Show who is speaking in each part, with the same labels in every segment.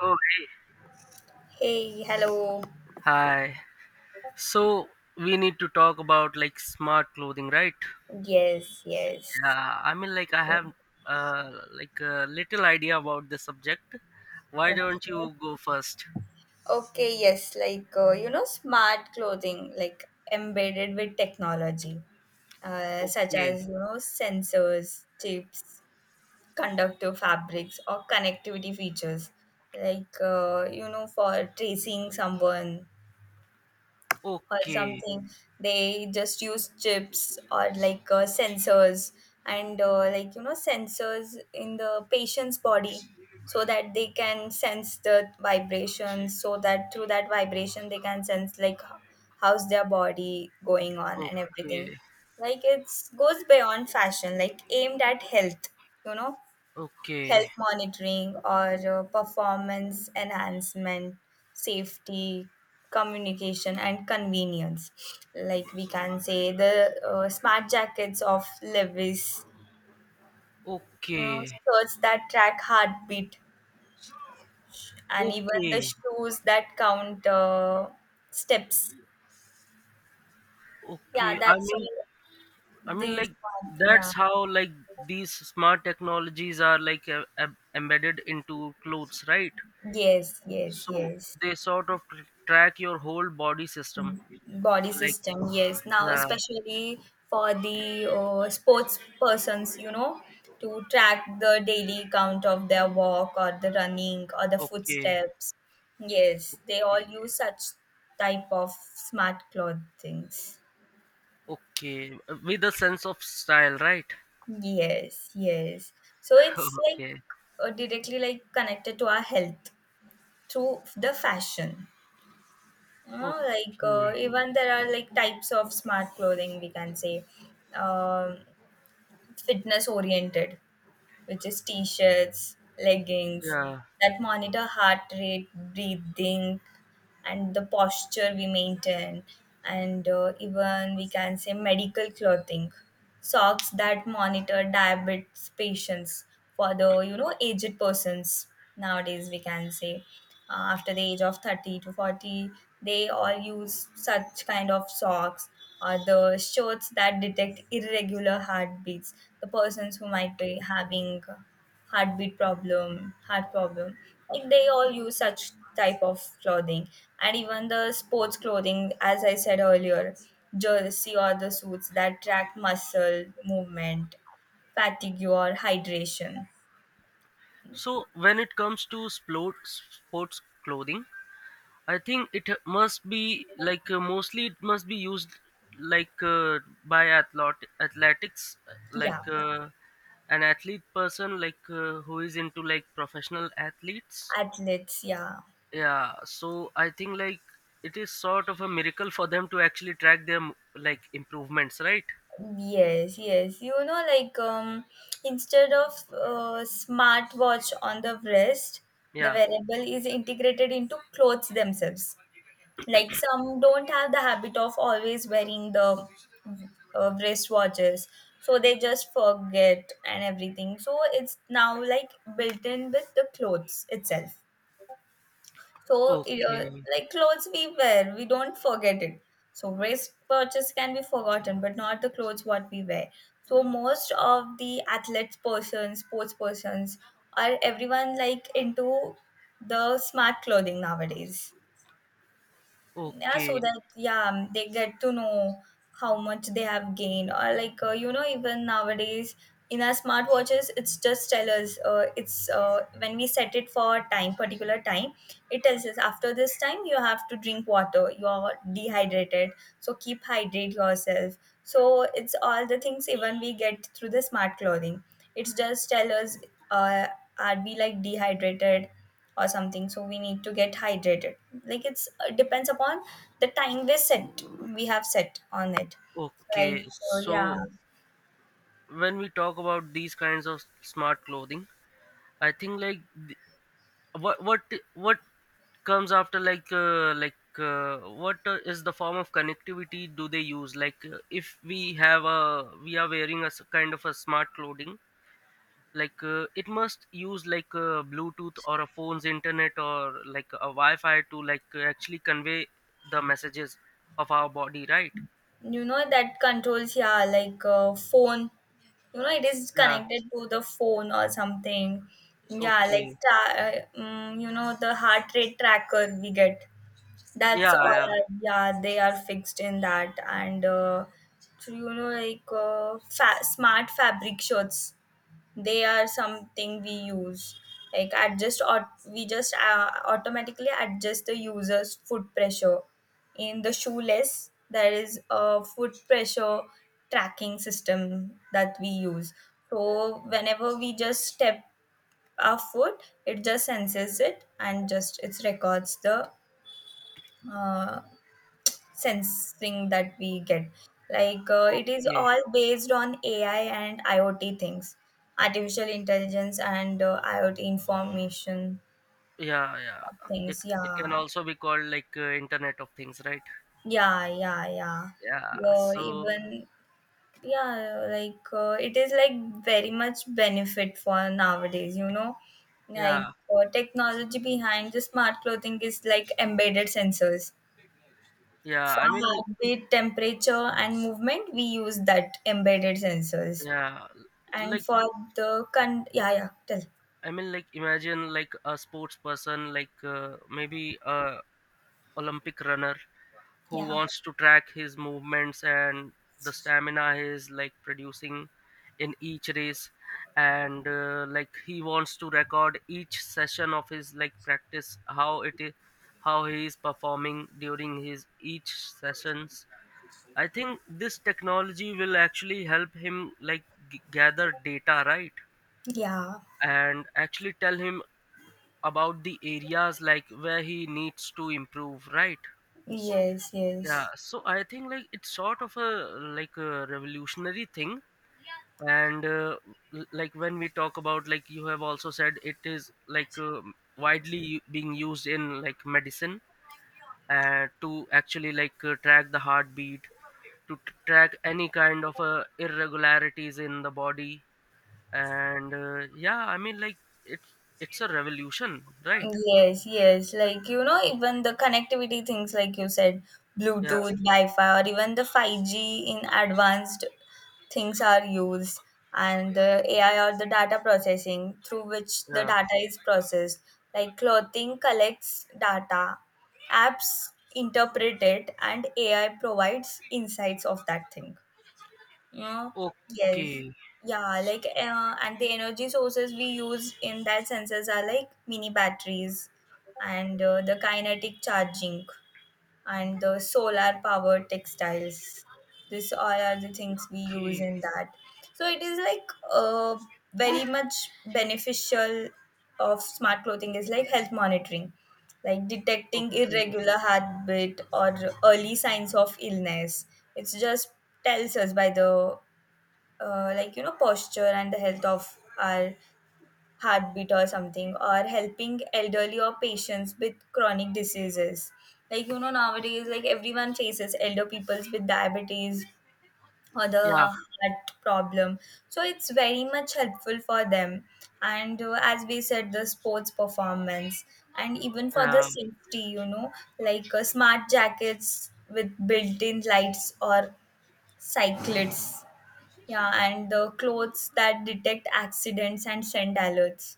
Speaker 1: Oh, hey.
Speaker 2: Hey, hello.
Speaker 1: Hi. So we need to talk about like smart clothing, right?
Speaker 2: Yes, yes.
Speaker 1: Yeah, I mean like I
Speaker 2: Okay.
Speaker 1: have like a little idea about the subject. Why don't you go first?
Speaker 2: Okay, yes, like you know, smart clothing, like embedded with technology, such
Speaker 1: Okay.
Speaker 2: as you know, sensors, chips, conductive fabrics, or connectivity features, like you know, for tracing someone or
Speaker 1: Okay.
Speaker 2: something. They just use chips or like sensors and like you know sensors in the patient's body so that they can sense the vibrations, so that through that vibration they can sense like how's their body going on and everything.
Speaker 1: Okay.
Speaker 2: Like it's goes beyond fashion like aimed at health you know,
Speaker 1: Okay.
Speaker 2: health monitoring or performance enhancement, safety, communication, and convenience. Like we can say the smart jackets of Levis, you know,
Speaker 1: Okay.
Speaker 2: shirts that track heartbeat, and even the
Speaker 1: Okay.
Speaker 2: shoes that count steps. Yeah,
Speaker 1: Okay. I
Speaker 2: that's
Speaker 1: mean
Speaker 2: all.
Speaker 1: I mean
Speaker 2: These,
Speaker 1: like
Speaker 2: yeah.
Speaker 1: that's how like these smart technologies are like embedded into clothes, right?
Speaker 2: Yes, yes,
Speaker 1: So
Speaker 2: yes.
Speaker 1: they sort of track your whole body system,
Speaker 2: Body
Speaker 1: like,
Speaker 2: system, yes, now
Speaker 1: yeah,
Speaker 2: especially for the sports persons, you know, to track the daily count of their walk or the running or the
Speaker 1: okay,
Speaker 2: footsteps, yes, they all
Speaker 1: okay,
Speaker 2: use such type of smart cloth things.
Speaker 1: okay, with a sense of style, right?
Speaker 2: Yes, yes, so it's like
Speaker 1: Okay,
Speaker 2: directly like connected to our health through the fashion, you know, like
Speaker 1: okay,
Speaker 2: even there are like types of smart clothing we can say, um fitness oriented, which is t shirts, leggings
Speaker 1: yeah,
Speaker 2: that monitor heart rate, breathing, and the posture we maintain, and even we can say medical clothing, socks that monitor diabetes patients for the you know aged persons. Nowadays we can say after the age of 30 to 40 they all use such kind of socks, or the shirts that detect irregular heartbeats, the persons who might be
Speaker 1: okay.
Speaker 2: having heartbeat problem, heart problem. Like they all use such type of clothing, and even the sports clothing, as I said earlier, jersey or the suits that track muscle movement, fatigue or hydration.
Speaker 1: So when it comes to sports, sports clothing, I think it must be like mostly it must be used like by athlete athletics,
Speaker 2: Yeah,
Speaker 1: like. An athlete person like who is into like professional athletes.
Speaker 2: athletes. Yeah.
Speaker 1: Yeah, so I think like it is sort of a miracle for them to actually track their like improvements, right?
Speaker 2: Yes, yes. You know, like instead of smartwatch on the wrist, the
Speaker 1: Yeah,
Speaker 2: wearable is integrated into clothes themselves. Like some don't have the habit of always wearing the wristwatches, so they just forget and everything. So it's now like built in with the clothes itself. So it,
Speaker 1: okay,
Speaker 2: like clothes we wear, we don't forget it. So wristwatches can be forgotten, but not the clothes what we wear. So most of the athletes persons, sports persons, are everyone like into the smart clothing nowadays. Yeah, so
Speaker 1: okay,
Speaker 2: that, yeah, they get to know how much they have gained, or like you know even nowadays in our smartwatches it's just tell us, it's when we set it for time, particular time, it tells us after this time you have to drink water, you are dehydrated, so keep hydrate yourself. So it's all the things even we get through the smart clothing. It's just tell us, uh, are we like dehydrated or something, so we need to get hydrated. Like it's, it depends upon the time we set, we have set on it, like
Speaker 1: okay.
Speaker 2: yeah,
Speaker 1: So when we talk about these kinds of smart clothing, I think like th- what what what comes after like what is the form of connectivity do they use, like if we are wearing a kind of a smart clothing, like it must use like Bluetooth or a phone's internet or like a Wi-Fi to like actually convey the messages of our body, right?
Speaker 2: you know that controls, yeah, like phone, you know it is
Speaker 1: Yeah,
Speaker 2: connected to the phone or something. Yeah, like
Speaker 1: okay,
Speaker 2: you know the heart rate tracker we get, that's
Speaker 1: yeah, yeah,
Speaker 2: all, yeah, they are fixed in that. And so, you know, like smart fabric shirts, they are something we use like adjust, or we just automatically adjust the user's foot pressure. In the shoeless there is a foot pressure tracking system that we use, so whenever we just step our foot it just senses it and just it records the uh, sensing that we get. Like it is
Speaker 1: okay,
Speaker 2: all based on AI and IoT things, artificial intelligence and IoT information
Speaker 1: yeah, yeah. it
Speaker 2: things.
Speaker 1: it can
Speaker 2: Yeah,
Speaker 1: also be called like internet of things, right?
Speaker 2: yeah, yeah, yeah.
Speaker 1: Yeah,
Speaker 2: Uh,
Speaker 1: so
Speaker 2: even yeah, like it is like very much benefit for nowadays. You know, like
Speaker 1: yeah,
Speaker 2: technology behind the smart clothing is like embedded sensors
Speaker 1: yeah,
Speaker 2: for
Speaker 1: I mean,
Speaker 2: heartbeat, temperature, and movement, we use that embedded sensors.
Speaker 1: yeah,
Speaker 2: And
Speaker 1: like,
Speaker 2: for the con, yeah, yeah, tell,
Speaker 1: I mean, like, imagine like a sports person like maybe a Olympic runner who
Speaker 2: yeah,
Speaker 1: wants to track his movements and the stamina he is like producing in each race, and like he wants to record each session of his, like, practice, how it is, how he is performing during his each sessions. I think this technology will actually help him like gather data, right?
Speaker 2: yeah,
Speaker 1: And actually tell him about the areas like where he needs to improve, right?
Speaker 2: yes,
Speaker 1: Yeah,
Speaker 2: yes.
Speaker 1: so I think like it's sort of a like a revolutionary thing, and like when we talk about, like you have also said, it is like widely being used in like medicine, to actually like track the heartbeat, to track any kind of irregularities in the body, and yeah, I mean like it's a revolution, right?
Speaker 2: Yes, yes. Like, you know, even the connectivity things, like you said,
Speaker 1: Yeah,
Speaker 2: Bluetooth, Wi-Fi, or even the 5G in advanced things are used, and the AI or the data processing through which the
Speaker 1: yeah,
Speaker 2: data is processed. Like, clothing collects data, apps interpret it, and AI provides insights of that thing. Yeah.
Speaker 1: okay,
Speaker 2: Yes. Yeah.
Speaker 1: s-
Speaker 2: Like, and the energy sources we use in that sensors are like mini batteries, and the kinetic charging, and the solar powered textiles. This all are the things we use
Speaker 1: okay,
Speaker 2: in that. So it is like very much beneficial of smart clothing is like health monitoring, like detecting
Speaker 1: okay,
Speaker 2: irregular heartbeat or early signs of illness. It just tells us by the like you know posture and the health of our heartbeat or something, or helping elderly or patients with chronic diseases, like you know nowadays like everyone faces elder peoples with diabetes or the
Speaker 1: yeah,
Speaker 2: heart problem, so it's very much helpful for them. And as we said the sports performance, and even for the
Speaker 1: yeah.
Speaker 2: safety you know, like smart jackets with built-in lights or cyclists, yeah, and the clothes that detect accidents and send alerts.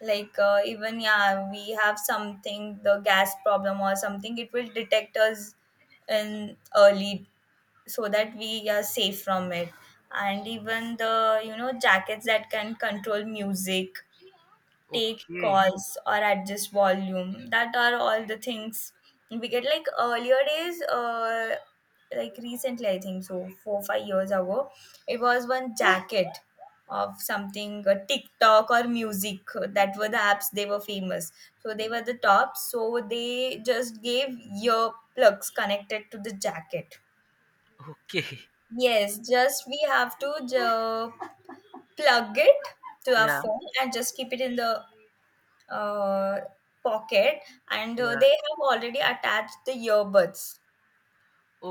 Speaker 2: Like even yeah, we have something the gas problem or something, it will detect us in early so that we are safe from it. And even the you know jackets that can control music, take
Speaker 1: Okay,
Speaker 2: calls or adjust volume, that are all the things we get. Like earlier days, like recently I think so 4 5 years ago, it was one jacket of something, tiktok or music, that were the apps, they were famous, so they were the tops, so they just gave ear plugs connected to the jacket.
Speaker 1: okay.
Speaker 2: Yes, just we have to plug it to our
Speaker 1: Yeah,
Speaker 2: phone and just keep it in the uh, pocket, and
Speaker 1: yeah.
Speaker 2: they have already attached the earbuds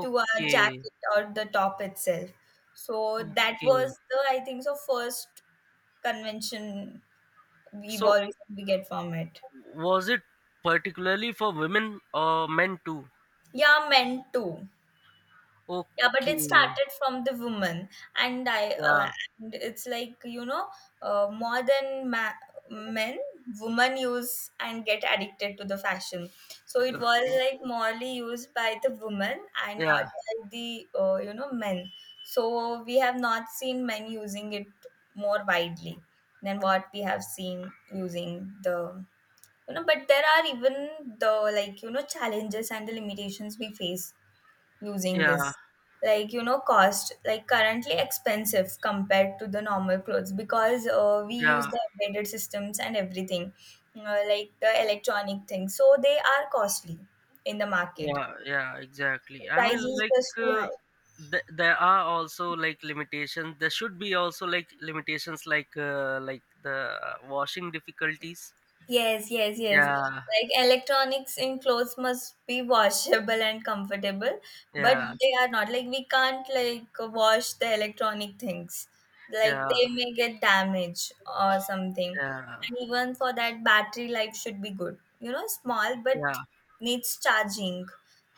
Speaker 2: to our jacket or the top itself. So that
Speaker 1: okay.
Speaker 2: was the, I think, so first convention we've
Speaker 1: So,
Speaker 2: always we get from it.
Speaker 1: was it particularly for women or men too?
Speaker 2: Yeah, men too. Yeah, but it
Speaker 1: Okay,
Speaker 2: started from the woman, and I
Speaker 1: yeah,
Speaker 2: and it's like you know, more than men, women use and get addicted to the fashion. So it was
Speaker 1: okay.
Speaker 2: like morely used by the women and not
Speaker 1: Yeah,
Speaker 2: by the you know men. So we have not seen men using it more widely than what we have seen using the, you know. But there are even the like you know challenges and the limitations we face using
Speaker 1: yeah,
Speaker 2: this, like you know cost, like currently expensive compared to the normal clothes because we use
Speaker 1: yeah,
Speaker 2: the embedded systems and everything, like the electronic things, so they are costly in the market,
Speaker 1: yeah, yeah,
Speaker 2: the
Speaker 1: exactly. I mean,
Speaker 2: price is
Speaker 1: like,
Speaker 2: just too high.
Speaker 1: there are also like limitations. There should be also like limitations, like the washing difficulties.
Speaker 2: Yes, yes, yes.
Speaker 1: Yeah,
Speaker 2: Like electronics in clothes must be washable and comfortable, but
Speaker 1: yeah,
Speaker 2: they are not. Like we can't like wash the electronic things. Like
Speaker 1: yeah,
Speaker 2: they may get damaged or something.
Speaker 1: yeah,
Speaker 2: And even for that, battery life should be good. You know, small but
Speaker 1: yeah.
Speaker 2: needs charging,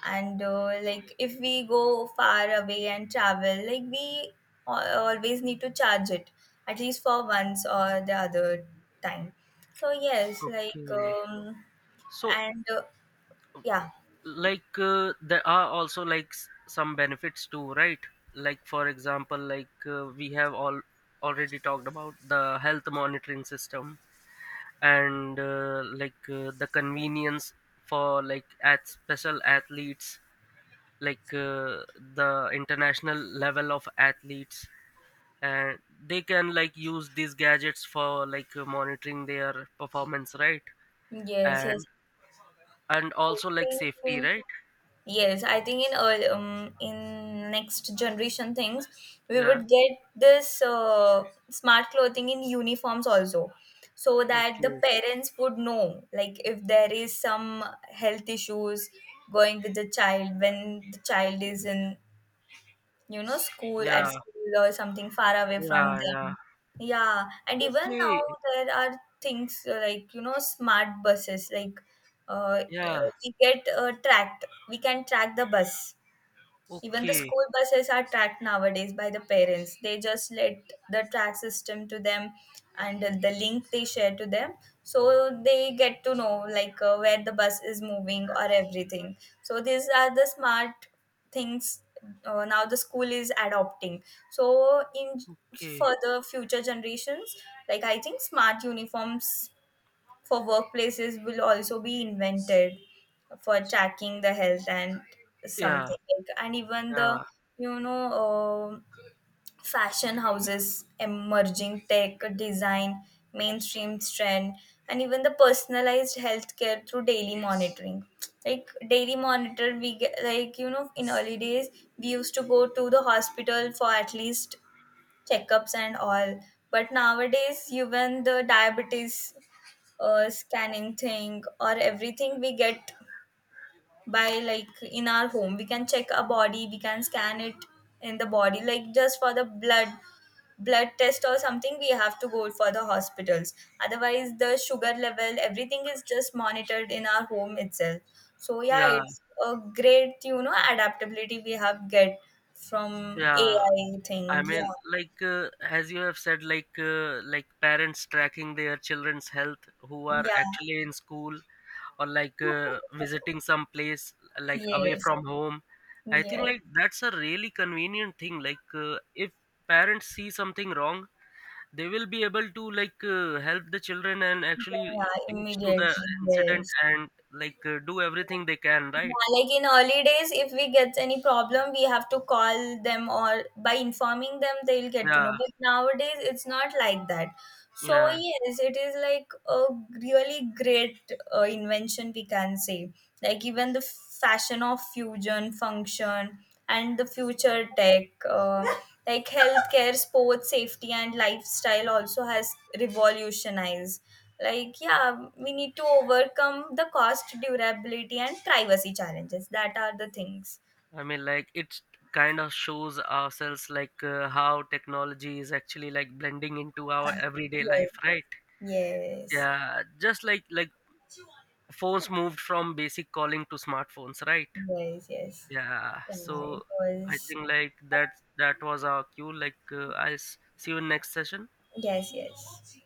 Speaker 2: and like if we go far away and travel like we always need to charge it at least for once or the other time. So yes, like,
Speaker 1: Okay. So,
Speaker 2: and
Speaker 1: uh,
Speaker 2: yeah,
Speaker 1: like, there are also like some benefits too, right? Like, for example, like we have all already talked about the health monitoring system, and like the convenience for like at special athletes, like the international level of athletes, and they can like use these gadgets for like monitoring their performance, right?
Speaker 2: yes, yes,
Speaker 1: And and
Speaker 2: I
Speaker 1: also like
Speaker 2: think
Speaker 1: safety,
Speaker 2: we
Speaker 1: right?
Speaker 2: yes, I think in in next generation things, we
Speaker 1: Yeah.
Speaker 2: would get this smart clothing in uniforms also, so that the
Speaker 1: Okay.
Speaker 2: parents would know like if there is some health issues going with the child when the child is in, you know, school, at
Speaker 1: Yeah,
Speaker 2: school or something far away from
Speaker 1: yeah, yeah.
Speaker 2: them. Yeah, and even now
Speaker 1: Okay,
Speaker 2: there are things, like, you know, smart buses, like uh,
Speaker 1: yeah,
Speaker 2: we get tracked, we can track the bus. Even the
Speaker 1: okay,
Speaker 2: school buses are tracked nowadays by the parents. They just let the track system to them and the link they share to them. So they get to know like where the bus is moving or everything. So these are the smart things now the school is adopting. So in
Speaker 1: okay.
Speaker 2: further future generations, like I think smart uniforms for workplaces will also be invented for tracking the health and
Speaker 1: Yeah,
Speaker 2: something like, and even the
Speaker 1: yeah,
Speaker 2: you know, fashion houses emerging tech design mainstream trend, and even the personalized healthcare through daily monitoring. Like daily monitor we get, like you know in early days we used to go to the hospital for at least checkups and all, but nowadays even the diabetes scanning thing or everything we get by, like in our home we can check a body, we can scan it in the body. Like just for the blood test or something we have to go for the hospitals, otherwise the sugar level everything is just monitored in our home itself. So yeah,
Speaker 1: yeah,
Speaker 2: it's a great you know adaptability we have get from
Speaker 1: yeah.
Speaker 2: AI
Speaker 1: I
Speaker 2: thing. Yeah.
Speaker 1: mean, like as you have said, like parents tracking their children's health who are
Speaker 2: Yeah.
Speaker 1: actually in school or like visiting some place like away
Speaker 2: Yes,
Speaker 1: from home. I think
Speaker 2: yes.
Speaker 1: like that's a really convenient thing. Like if parents see something wrong, they will be able to like help the children and actually
Speaker 2: Yeah,
Speaker 1: reach to the
Speaker 2: immediately,
Speaker 1: incident
Speaker 2: yes.
Speaker 1: and like do everything they can, right?
Speaker 2: Yeah, like in early days, if we get any problem, we have to call them or by informing them, they'll get to know.
Speaker 1: Yeah,
Speaker 2: But nowadays, it's not like that. So,
Speaker 1: yeah,
Speaker 2: yes, it is like a really great invention, we can say. Like even the fashion of fusion function and the future tech, like healthcare, sports, safety, and lifestyle also has revolutionized. Like, yeah, we need to overcome the cost, durability, and privacy challenges. That are the things.
Speaker 1: I mean like it kind of shows ourselves like how technology is actually like blending into our everyday
Speaker 2: Yes,
Speaker 1: life, right?
Speaker 2: yes,
Speaker 1: Yeah, just like phones moved from basic calling to smartphones, right?
Speaker 2: yes, yes.
Speaker 1: Yeah,
Speaker 2: Yeah, it
Speaker 1: so I
Speaker 2: was.
Speaker 1: think like that was our cue, like I'll see you in next session.
Speaker 2: Yes, yes.